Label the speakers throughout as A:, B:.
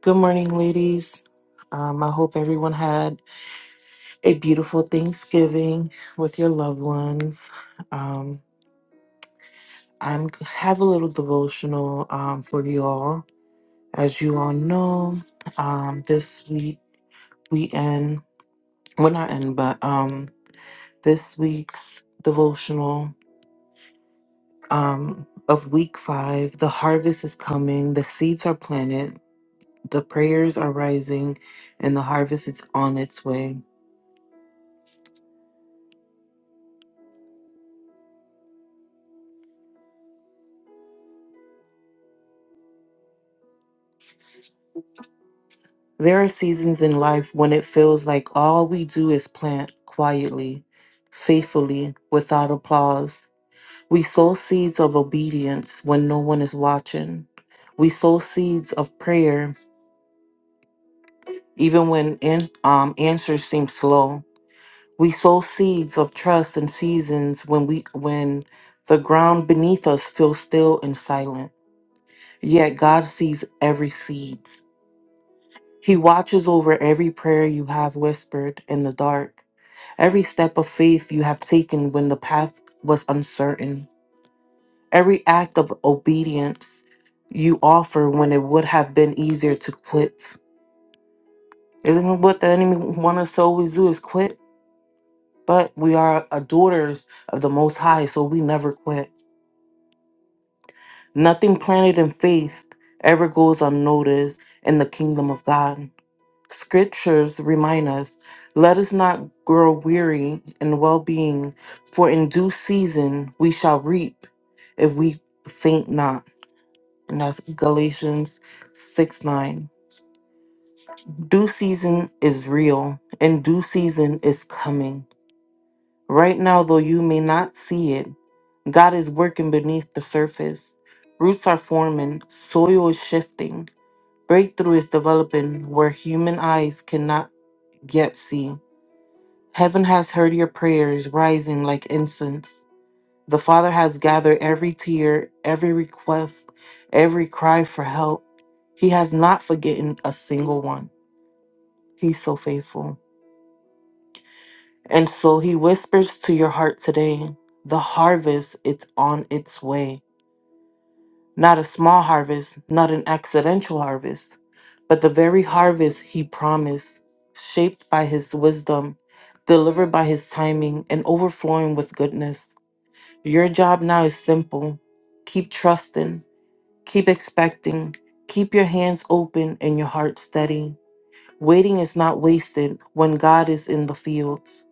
A: Good morning, ladies. Um, I hope everyone had a beautiful Thanksgiving with your loved ones. Um, I'm have a little devotional um, for you all. As you all know, um, this week we end well not end, but um, this week's devotional um, of week five. The harvest is coming. The seeds are planted. The prayers are rising, and the harvest is on its way. There are seasons in life when it feels like all we do is plant quietly, faithfully, without applause. We sow seeds of obedience when no one is watching. We sow seeds of prayer even when an- um, answers seem slow. We sow seeds of trust in seasons when we when the ground beneath us feels still and silent. Yet God sees every seed. He watches over every prayer you have whispered in the dark. Every step of faith you have taken when the path was uncertain, every act of obedience you offer when it would have been easier to quit. Isn't what the enemy wants us to always do is quit? But we are a daughters of the Most High, so we never quit. Nothing planted in faith ever goes unnoticed in the kingdom of God. scriptures remind us let us not grow weary in well being, for in due season we shall reap if we faint not. And that's Galatians 6 9. Due season is real, and due season is coming. Right now, though you may not see it, God is working beneath the surface. Roots are forming, soil is shifting, breakthrough is developing where human eyes cannot yet see. Heaven has heard your prayers rising like incense. The Father has gathered every tear, every request, every cry for help. He has not forgotten a single one. He's so faithful. And so he whispers to your heart today, the harvest is on its way. Not a small harvest, not an accidental harvest, but the very harvest he promised, shaped by his wisdom, delivered by his timing, and overflowing with goodness. Your job now is simple. Keep trusting, keep expecting, keep your hands open and your heart steady. Waiting is not wasted when God is in the fields.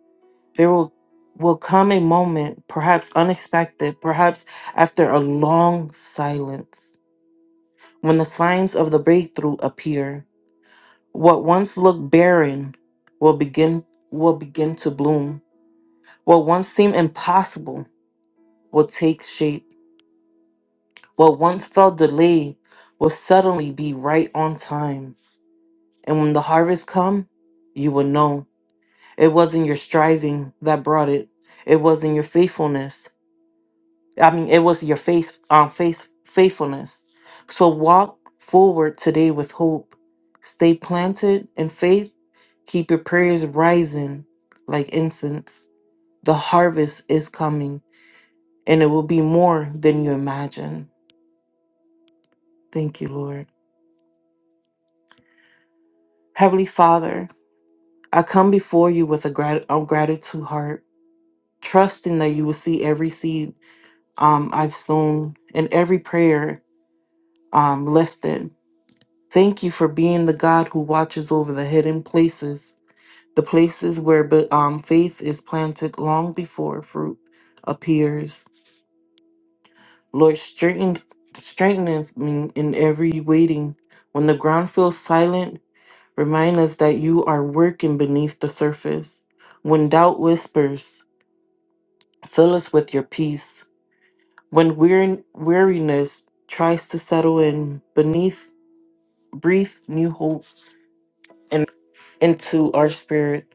A: There will, will come a moment, perhaps unexpected, perhaps after a long silence, when the signs of the breakthrough appear. What once looked barren will begin will begin to bloom. What once seemed impossible will take shape What once felt delayed will suddenly be right on time. And when the harvest come, you will know it wasn't your striving that brought it. It wasn't your faithfulness. I mean, it was your faith, um, faith, faithfulness. So walk forward today with hope. Stay planted in faith. Keep your prayers rising like incense. The harvest is coming, and it will be more than you imagine. Thank you, Lord. Heavenly Father, I come before you with a grat- a gratitude heart, trusting that you will see every seed um, I've sown and every prayer um, lifted. Thank you for being the God who watches over the hidden places, the places where but, um, faith is planted long before fruit appears. Lord, strengthen, strengthen me in every waiting. When the ground feels silent, remind us that you are working beneath the surface. When doubt whispers, Fill us with your peace. When wear- weariness tries to settle in beneath, breathe new hope and into our spirit.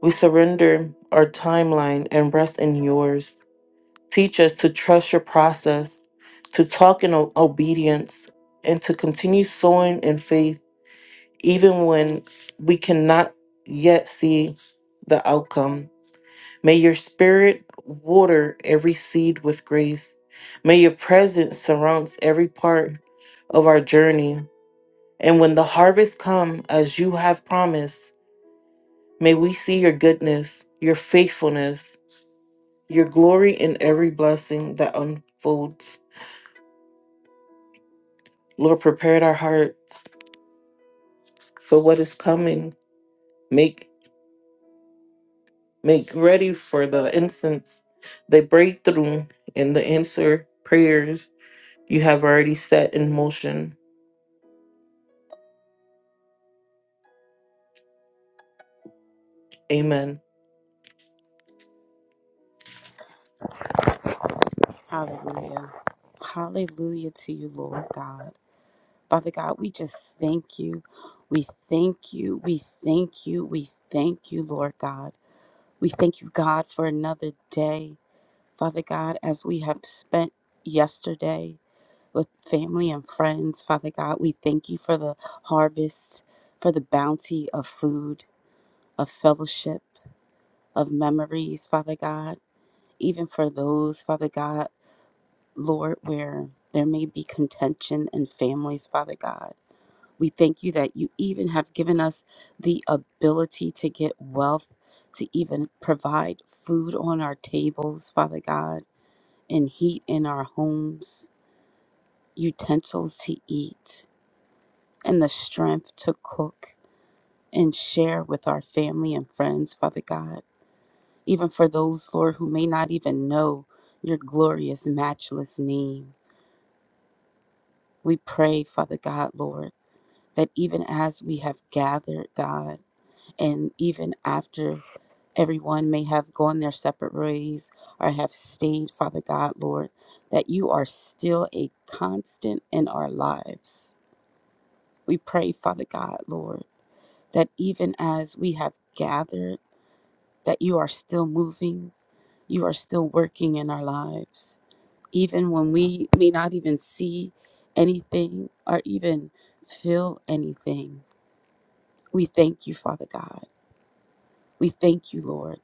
A: We surrender our timeline and rest in yours. Teach us to trust your process, to talk in o- obedience, and to continue sowing in faith even when we cannot yet see the outcome. May your spirit water every seed with grace. May your presence surround every part of our journey. And when the harvest come as you have promised, may we see your goodness, your faithfulness, your glory in every blessing that unfolds. Lord, prepare our hearts for what is coming. Make make ready for the incense, the breakthrough, and the answer prayers you have already set in motion. Amen.
B: Hallelujah. Hallelujah to you, Lord God. Father God, we just thank you. We thank you. We thank you. We thank you, Lord God. We thank you, God, for another day. Father God, as we have spent yesterday with family and friends, Father God, we thank you for the harvest, for the bounty of food, of fellowship, of memories, Father God. Even for those, Father God. Lord, where there may be contention in families, Father God. We thank you that you even have given us the ability to get wealth, to even provide food on our tables, Father God, and heat in our homes, utensils to eat, and the strength to cook and share with our family and friends, Father God. Even for those, Lord, who may not even know your glorious, matchless name. We pray, Father God, Lord that even as we have gathered, God, and even after everyone may have gone their separate ways or have stayed, Father God, Lord, that you are still a constant in our lives. We pray, Father God, Lord, that even as we have gathered, that you are still moving, you are still working in our lives. Even when we may not even see anything or even feel anything, we thank you, Father God We thank you, Lord,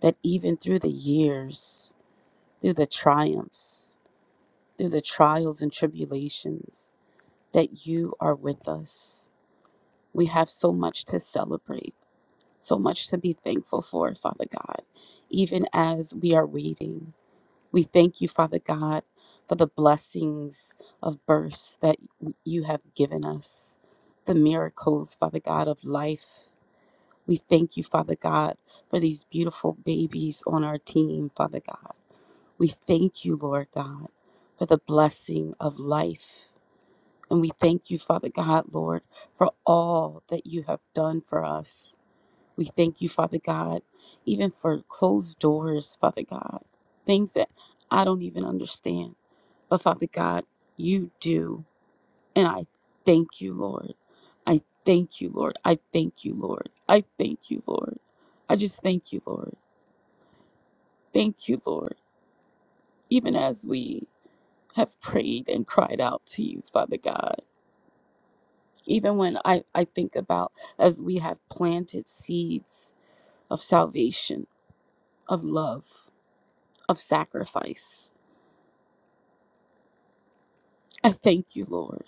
B: that even through the years, through the triumphs, through the trials and tribulations, that you are with us. We have so much to celebrate, so much to be thankful for, Father God, even as we are waiting. We thank you, Father God, for the blessings of births that you have given us, the miracles, Father God, of life We thank you, Father God, for these beautiful babies on our team, Father God. We thank you, Lord God, for the blessing of life. And we thank you, Father God, Lord, for all that you have done for us. We thank you, Father God, even for closed doors, Father God, things that I don't even understand. But Father God, you do. And I thank you, Lord. I thank you, Lord. I thank you, Lord. I thank you, Lord. I just thank you, Lord. Thank you, Lord. Even as we have prayed and cried out to you, Father God. Even when I, I think about as we have planted seeds of salvation, of love, of sacrifice. I thank you, Lord.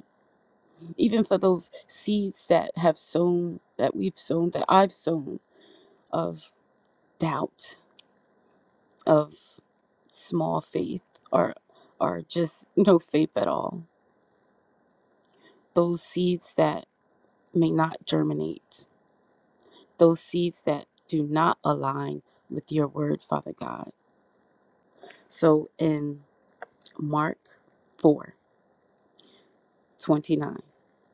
B: Even for those seeds that have sown, that we've sown, that I've sown of doubt, of small faith or or just no faith at all. Those seeds that may not germinate, those seeds that do not align with your word, Father God. So in Mark 4 29,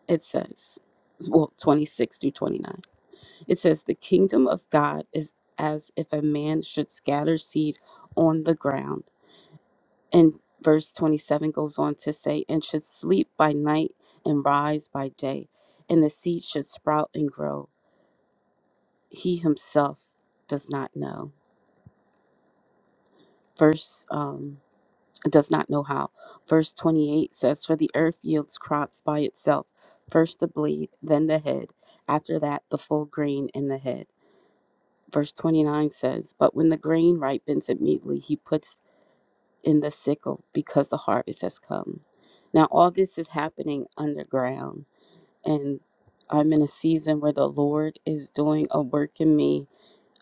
B: it says, well, 26 through 29, it says, The kingdom of God is as if a man should scatter seed on the ground And verse 27 goes on to say, and should sleep by night and rise by day, and the seed should sprout and grow. He himself does not know. Verse, um, does not know how. Verse 28 says, For the earth yields crops by itself, first the blade, then the head, after that the full grain in the head. Verse 29 says, But when the grain ripens immediately, he puts in the sickle because the harvest has come. Now, all this is happening underground, and I'm in a season where the Lord is doing a work in me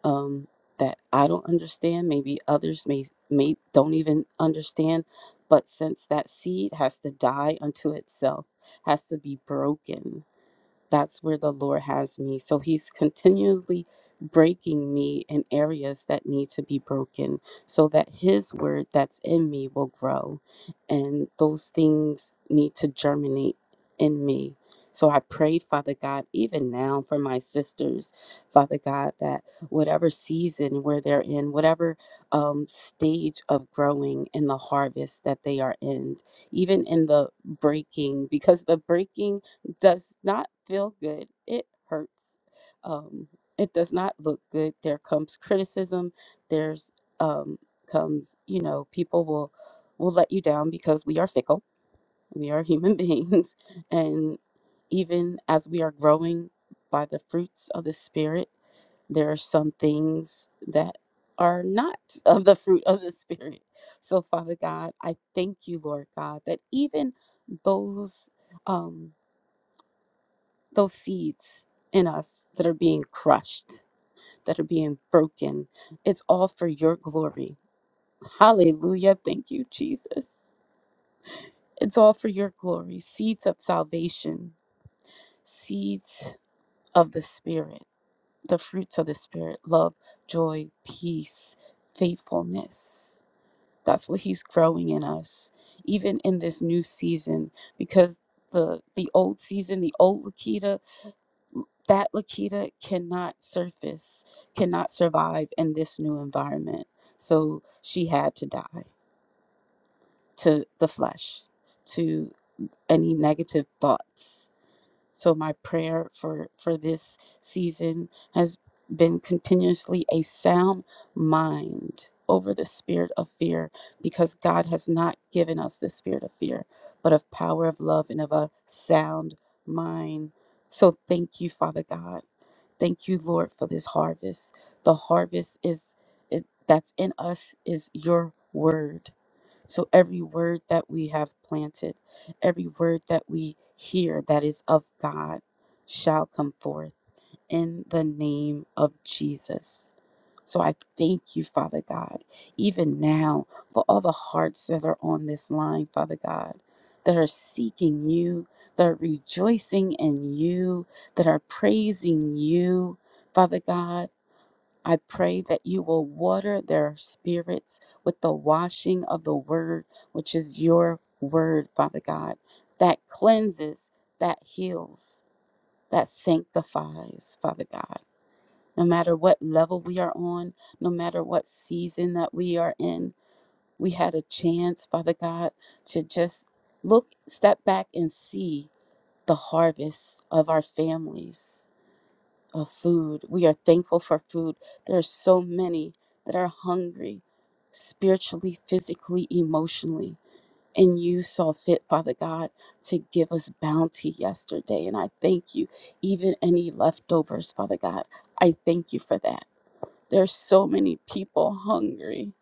B: um, that I don't understand. Maybe others may, may don't even understand, but since that seed has to die unto itself, has to be broken that's where the Lord has me. So He's continually breaking me in areas that need to be broken so that His word that's in me will grow. And those things need to germinate in me. So I pray, Father God, even now for my sisters, Father God, that whatever season where they're in, whatever um, stage of growing in the harvest that they are in, even in the breaking, because the breaking does not feel good. It hurts. Um, it does not look good. There comes criticism. There's um, comes you know people will will let you down because we are fickle. We are human beings, and even as we are growing by the fruits of the spirit, there are some things that are not of the fruit of the spirit. So Father God, I thank you, Lord God, that even those. Um, those seeds in us that are being crushed, that are being broken. It's all for your glory. Hallelujah. Thank you, Jesus. It's all for your glory. Seeds of salvation, seeds of the Spirit, the fruits of the Spirit love, joy, peace, faithfulness. That's what he's growing in us, even in this new season, because the the old season, the old Lakita, That Lakita cannot surface, cannot survive in this new environment. So she had to die to the flesh, to any negative thoughts. So my prayer for for this season has been continuously a sound mind over the spirit of fear because God has not given us the spirit of fear, but of power of love and of a sound mind. So thank you, Father God Thank you, Lord, for this harvest. The harvest is it, that's in us is your word. So every word that we have planted, every word that we hear that is of God shall come forth in the name of Jesus. So I thank you, Father God, even now for all the hearts that are on this line, Father God, that are seeking you, that are rejoicing in you, that are praising you, Father God. I pray that you will water their spirits with the washing of the word, which is your word, Father God, that cleanses, that heals, that sanctifies, Father God no matter what level we are on, no matter what season that we are in. We had a chance, Father God, to just look, step back and see the harvest of our families of food. We are thankful for food. There are so many that are hungry spiritually, physically, emotionally. And you saw fit, Father God, to give us bounty yesterday. And I thank you, even any leftovers, Father God. I thank you for that. There's so many people hungry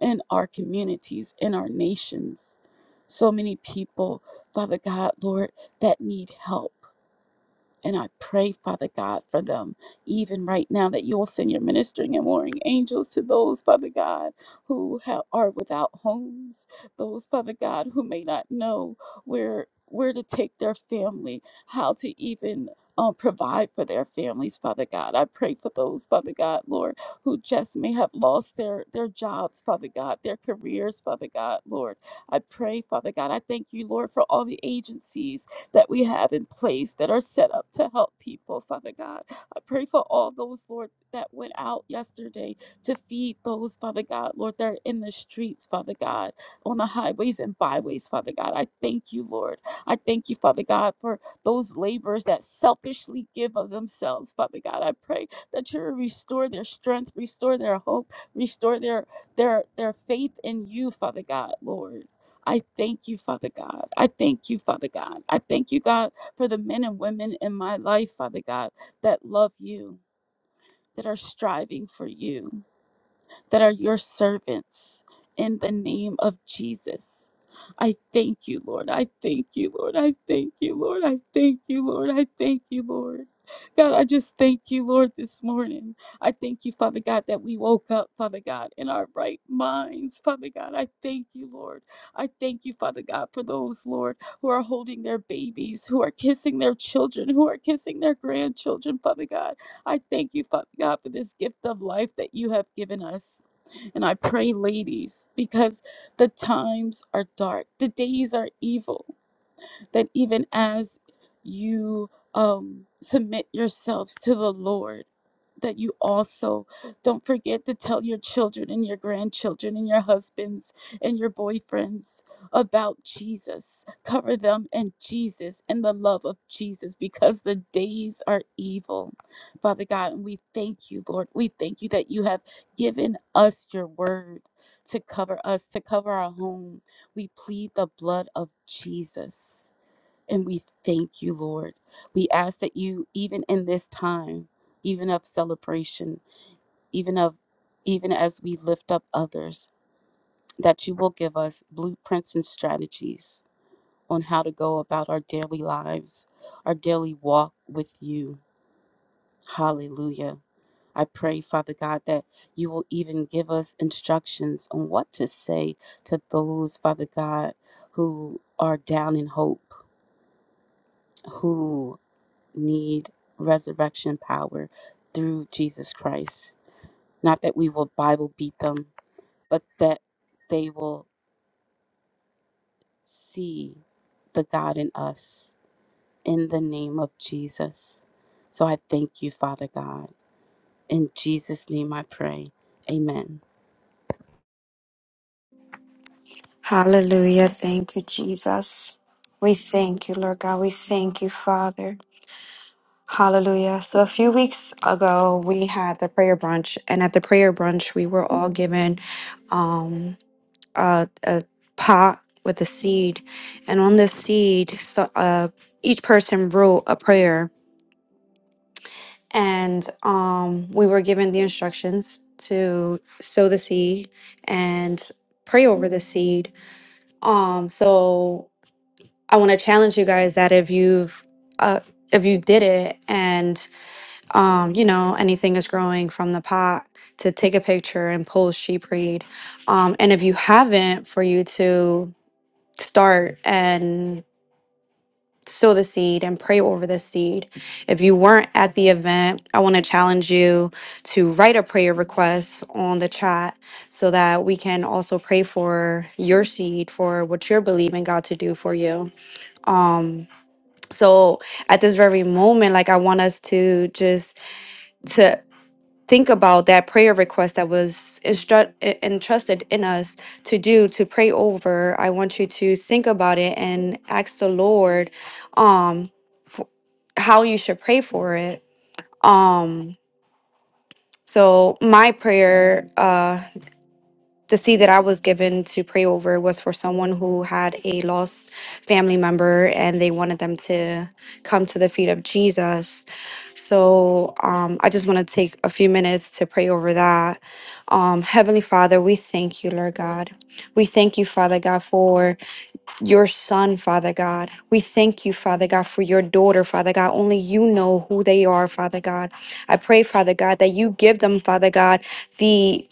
B: in our communities, in our nations. So many people, Father God, Lord, that need help. And I pray, Father God, for them, even right now, that you will send your ministering and warring angels to those, Father God, who have, are without homes, those, Father God, who may not know where where to take their family, how to even um, provide for their families, Father God. I pray for those, Father God, Lord, who just may have lost their their jobs, Father God, their careers, Father God, Lord. I pray, Father God. I thank you, Lord, for all the agencies that we have in place that are set up to help people, Father God. I pray for all those, Lord, that went out yesterday to feed those, Father God, Lord, that are in the streets, Father God, on the highways and byways, Father God. I thank you, Lord. I thank you, Father God, for those laborers that selfishly give of themselves, Father God. I pray that you restore their strength, restore their hope, restore their their their faith in you, Father God, Lord. I thank you, Father God. I thank you, Father God. I thank you, God, for the men and women in my life, Father God, that love you, that are striving for you that are your servants in the name of Jesus. I thank you, Lord. I thank you, Lord. I thank you, Lord. I thank you, Lord. I thank you, Lord. God, I just thank you, Lord, this morning. I thank you, Father God, that we woke up, Father God, in our right minds. Father God, I thank you, Lord. I thank you, Father God, for those, Lord, who are holding their babies, who are kissing their children, who are kissing their grandchildren, Father God. I thank you, Father God, for this gift of life that you have given us. And I pray, ladies, because the times are dark, the days are evil that even as you um, submit yourselves to the Lord, that you also don't forget to tell your children and your grandchildren and your husbands and your boyfriends about Jesus. Cover them and Jesus and the love of Jesus because the days are evil. Father God, and we thank you, Lord. We thank you that you have given us your word to cover us, to cover our home. We plead the blood of Jesus. And we thank you, Lord. We ask that you, even in this time, even of celebration, even of even as we lift up others, that you will give us blueprints and strategies on how to go about our daily lives, our daily walk with you. Hallelujah. I pray, Father God, that you will even give us instructions on what to say to those, Father God, who are down in hope, who need resurrection power through Jesus Christ. Not that we will Bible beat them, but that they will see the God in us in the name of Jesus. So I thank you, Father God. In Jesus' name I pray. Amen.
C: Hallelujah. Thank you, Jesus. We thank you, Lord God. We thank you, Father. Hallelujah. So, a few weeks ago, we had the prayer brunch, and at the prayer brunch, we were all given um, a, a pot with a seed. And on the seed, so, uh, each person wrote a prayer, and um, we were given the instructions to sow the seed and pray over the seed. Um, so I want to challenge you guys that if you've uh, if you did it and um, you know anything is growing from the pot to take a picture and post sheep read, um, and if you haven't, for you to start and sow the seed and pray over the seed. If you weren't at the event, I want to challenge you to write a prayer request on the chat so that we can also pray for your seed for what you're believing God to do for you. Um, so at this very moment like i want us to just to think about that prayer request that was instru- e- entrusted in us to do to pray over i want you to think about it and ask the lord um how you should pray for it um so my prayer uh, the seed that I was given to pray over was for someone who had a lost family member and they wanted them to come to the feet of Jesus. So um, I just want to take a few minutes to pray over that. Um, Heavenly Father, we thank you, Lord God. We thank you, Father God, for your son, Father God. We thank you, Father God, for your daughter, Father God. Only you know who they are, Father God. I pray, Father God, that you give them, Father God, the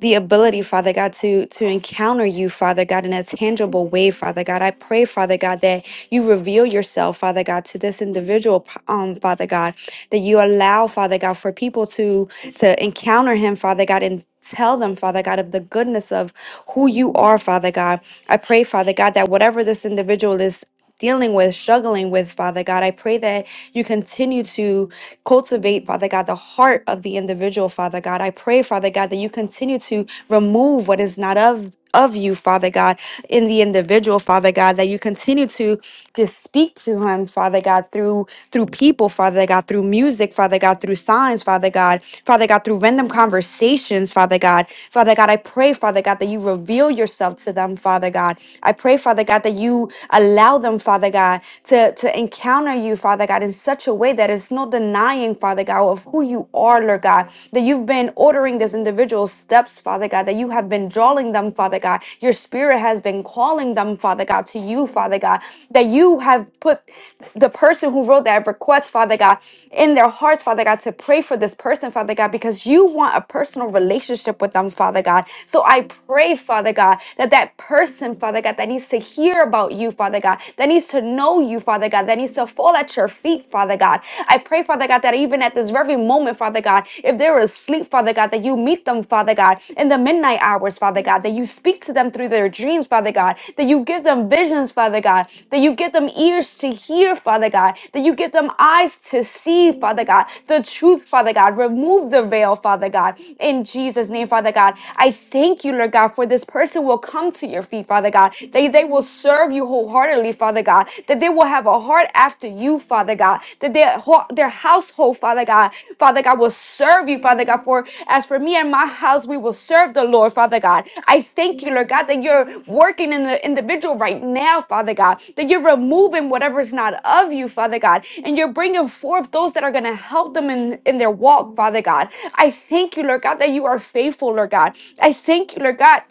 C: the ability, Father God, to to encounter you, Father God, in a tangible way, Father God. I pray, Father God, that you reveal yourself, Father God, to this individual, um, Father God, that you allow, Father God, for people to to encounter him, Father God, and tell them, Father God, of the goodness of who you are, Father God. I pray, Father God, that whatever this individual is dealing with, struggling with, Father God. I pray that you continue to cultivate, Father God, the heart of the individual, Father God. I pray, Father God, that you continue to remove what is not of of you, Father God, in the individual, Father God, that you continue to just speak to him, Father God, through through people, Father God, through music, Father God, through signs, Father God, Father God, through random conversations, Father God. Father God, I pray, Father God, that you reveal yourself to them, Father God. I pray, Father God, that you you allow them, Father God, to, to encounter you, Father God, in such a way that it's no denying, Father God, of who you are, Lord God, that you've been ordering this individual steps, Father God, that you have been drawing them, Father God. Your spirit has been calling them, Father God, to you, Father God, that you have put the person who wrote that request, Father God, in their hearts, Father God, to pray for this person, Father God, because you want a personal relationship with them, Father God. So I pray, Father God, that that person, Father God, Father God, that needs to hear about you, Father God, that needs to know you, Father God, that needs to fall at your feet, Father God. I pray, Father God, that even at this very moment, Father God, if they're asleep, Father God, that you meet them, Father God, in the midnight hours, Father God, that you speak to them through their dreams, Father God, that you give them visions, Father God, that you give them ears to hear, Father God, that you give them eyes to see, Father God, the truth, Father God. Remove the veil, Father God, in Jesus' name, Father God. I thank you, Lord God, for this person will come down to your feet, Father God. that they will serve you wholeheartedly, Father God. That they will have a heart after you, Father God. That their, ho- their household, Father God, Father God, will serve you, Father God. For as for me and my house, we will serve the Lord, Father God. I thank you, Lord God, that you're working in the individual right now, Father God. That you're removing whatever is not of you, Father God. And you're bringing forth those that are going to help them in, in their walk, Father God. I thank you, Lord God, that you are faithful, Lord God. I thank you, Lord God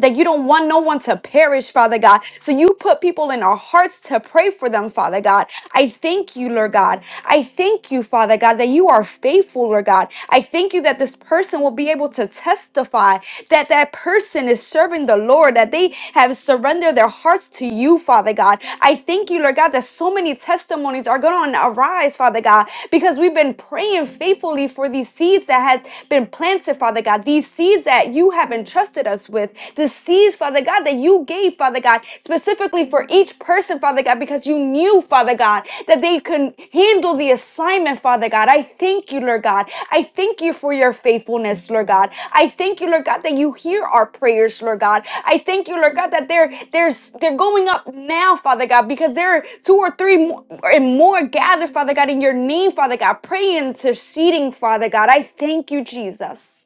C: that you don't want no one to perish, Father God. So you put people in our hearts to pray for them, Father God. I thank you, Lord God. I thank you, Father God, that you are faithful, Lord God. I thank you that this person will be able to testify that that person is serving the Lord, that they have surrendered their hearts to you, Father God. I thank you, Lord God, that so many testimonies are going to arise, Father God, because we've been praying faithfully for these seeds that have been planted, Father God, these seeds that you you have entrusted us with, the seeds, Father God, that you gave, Father God, specifically for each person, Father God, because you knew, Father God, that they can handle the assignment, Father God. I thank you, Lord God. I thank you for your faithfulness, Lord God. I thank you, Lord God, that you hear our prayers, Lord God. I thank you, Lord God, that they're they're they're going up now, Father God, because there are two or three more, and more gathered, Father God, in your name, Father God, praying, interceding, Father God. I thank you, Jesus.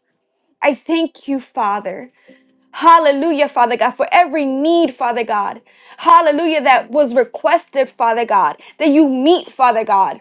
C: I thank you, Father. Hallelujah, Father God, for every need, Father God. Hallelujah, that was requested, Father God, that you meet, Father God.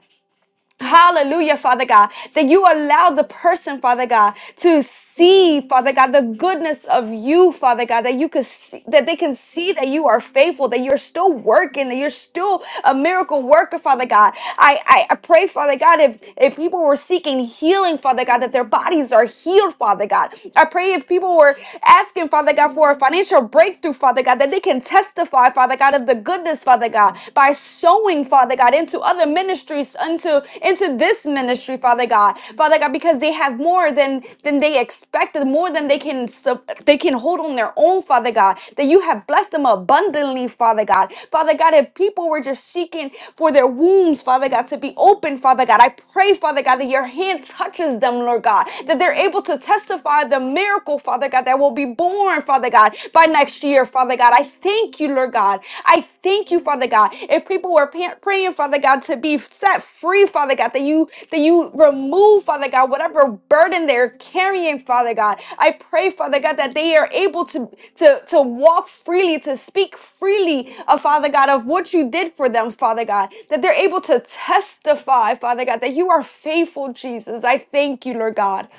C: Hallelujah, Father God, that you allow the person, Father God, to see, Father God, the goodness of you, Father God, that you could see, that they can see that you are faithful, that you're still working, that you're still a miracle worker, Father God. I, I, I pray, Father God, if, if people were seeking healing, Father God, that their bodies are healed, Father God. I pray if people were asking, Father God, for a financial breakthrough, Father God, that they can testify, Father God, of the goodness, Father Father God, by sowing, Father God, into other ministries, into into this ministry, Father God, Father God, because they have more than than they expected, more than they can sup- they can hold on their own, Father God. That you have blessed them abundantly, Father God, Father God. If people were just seeking for their wombs, Father God, to be open, Father God, I pray, Father God, that your hand touches them, Lord God, that they're able to testify the miracle, Father God, that will be born, Father God. God, by next year, Father God. I thank you, Lord God. I thank you, Father God. If people were pa- praying, Father God, to be set free, Father God, that you that you remove, Father God, whatever burden they're carrying, Father God. I pray, Father God, that they are able to to to walk freely, to speak freely, uh, Father God, of what you did for them, Father God. That they're able to testify, Father God, that you are faithful, Jesus. I thank you, Lord God.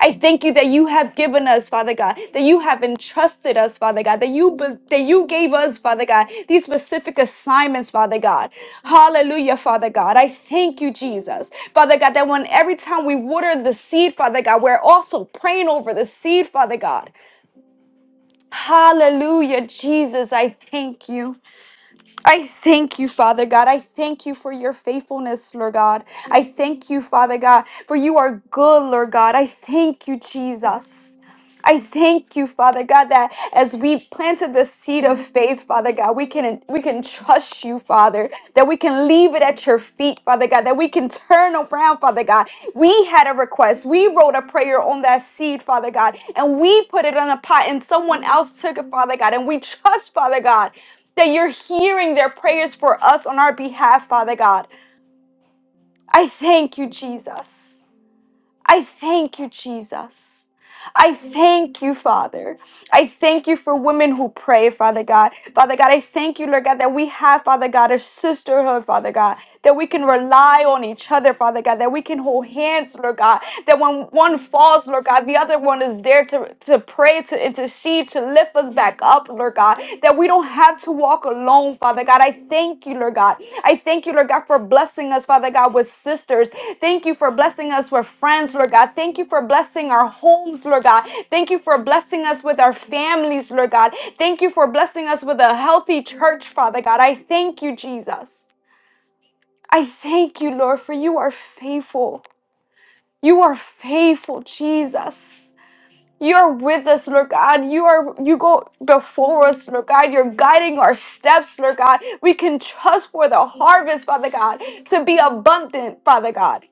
C: I thank you that you have given us, Father God, that you have entrusted us, Father God, that you be- that you gave us, Father God, these specific assignments, Father God. Hallelujah, Father God. I thank you, Jesus, Father God, that when every time we water the seed, Father God, we're also praying over the seed, Father God. Hallelujah, Jesus. I thank you. I thank you, Father God. I thank you for your faithfulness, Lord God. I thank you, Father God, for you are good, Lord God. I thank you, Jesus. I thank you, Father God, that as we planted the seed of faith, Father God, we can we can trust you, Father, that we can leave it at your feet, Father God, that we can turn around, Father God. We had a request. We wrote a prayer on that seed, Father God, and we put it on a pot and someone else took it, Father God, and we trust, Father God, that you're hearing their prayers for us on our behalf, Father God. I thank you, Jesus. I thank you, Jesus. I thank you, Father. I thank you for women who pray, Father God. Father God, I thank you, Lord God, that we have, Father God, a sisterhood, Father God, that we can rely on each other, Father God, that we can hold hands, Lord God, that when one falls, Lord God, the other one is there to, to pray, to intercede, to lift us back up, Lord God that we don't have to walk alone, Father God. I thank you, Lord God. I thank you, Lord God, for blessing us, Father God, with sisters. Thank you for blessing us with friends, Lord God. Thank you for blessing our homes, Lord God. Thank you for blessing us with our families, Lord God. Thank you for blessing us with a healthy church, Father God. I thank you, Jesus. I thank you, Lord, for you are faithful. You are faithful, Jesus. You're with us, Lord God. You are you go before us, Lord God. You're guiding our steps, Lord God. We can trust for the harvest, Father God, to be abundant, Father God.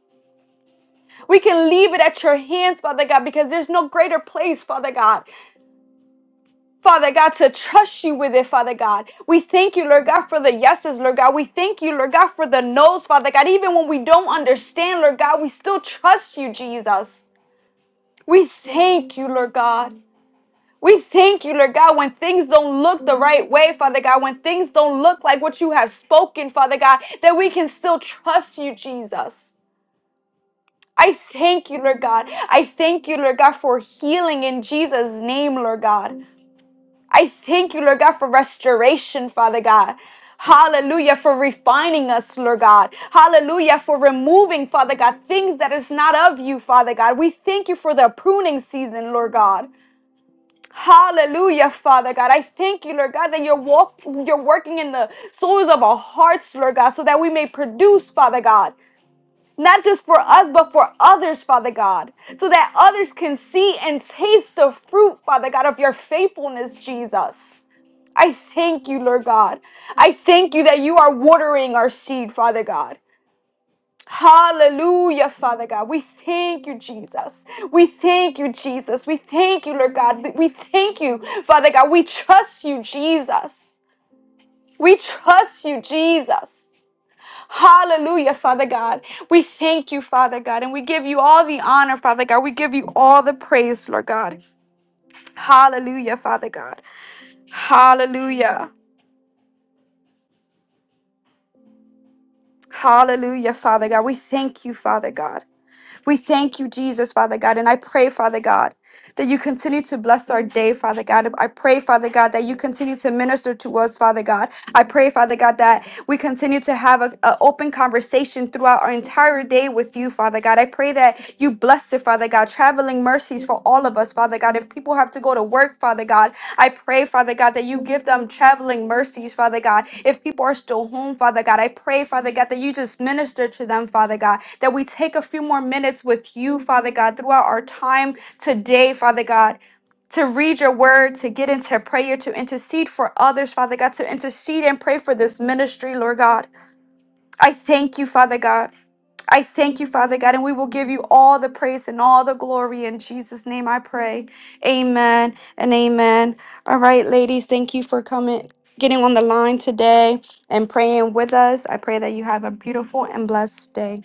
C: We can leave it at your hands, Father God, because there's no greater place, Father God. Father God, to trust you with it, Father God. We thank you, Lord God, for the yeses, Lord God. We thank you, Lord God, for the nos, Father God. Even when we don't understand, Lord God, we still trust you, Jesus. We thank you, Lord God. We thank you, Lord God, when things don't look the right way, Father God, when things don't look like what you have spoken, Father God, that we can still trust you, Jesus. I thank you, Lord God. I thank you, Lord God, for healing in Jesus' name, Lord God. I thank you, Lord God, for restoration, Father God. Hallelujah for refining us, Lord God. Hallelujah for removing, Father God, things that is not of you, Father God. We thank you for the pruning season, Lord God. Hallelujah, Father God. I thank you, Lord God, that you're walk you're working in the souls of our hearts, Lord God, so that we may produce, Father God. Not just for us, but for others, Father God, so that others can see and taste the fruit, Father God, of your faithfulness, Jesus. I thank you, Lord God. I thank you that you are watering our seed, Father God. Hallelujah, Father God. We thank you, Jesus. We thank you, Jesus. We thank you, Lord God. We thank you, Father God. We trust you, Jesus. We trust you, Jesus. Hallelujah, Father God. We thank you, Father God, and we give you all the honor, Father God. We give you all the praise, Lord God. Hallelujah, Father God. Hallelujah. Hallelujah, Father God. We thank you, Father God. We thank you, Jesus, Father God. And I pray, Father God, that you continue to bless our day, Father God. I pray, Father God, that you continue to minister to us, Father God. I pray, Father God, that we continue to have an open conversation throughout our entire day with you, Father God. I pray that you bless it, Father God. traveling mercies for all of us, Father God. If people have to go to work, Father God, I pray, Father God, that you give them traveling mercies, Father God. If people are still home, Father God, I pray, Father God, that you just minister to them, Father God, that we take a few more minutes with you, Father God, throughout our time today, Father God to read your word, to get into prayer, to intercede for others, Father God, to intercede and pray for this ministry, Lord God. I thank you, Father God. I thank you, Father God, and we will give you all the praise and all the glory. In Jesus' name I pray. Amen and amen. All right, ladies, thank you for coming, getting on the line today and praying with us. I pray that you have a beautiful and blessed day.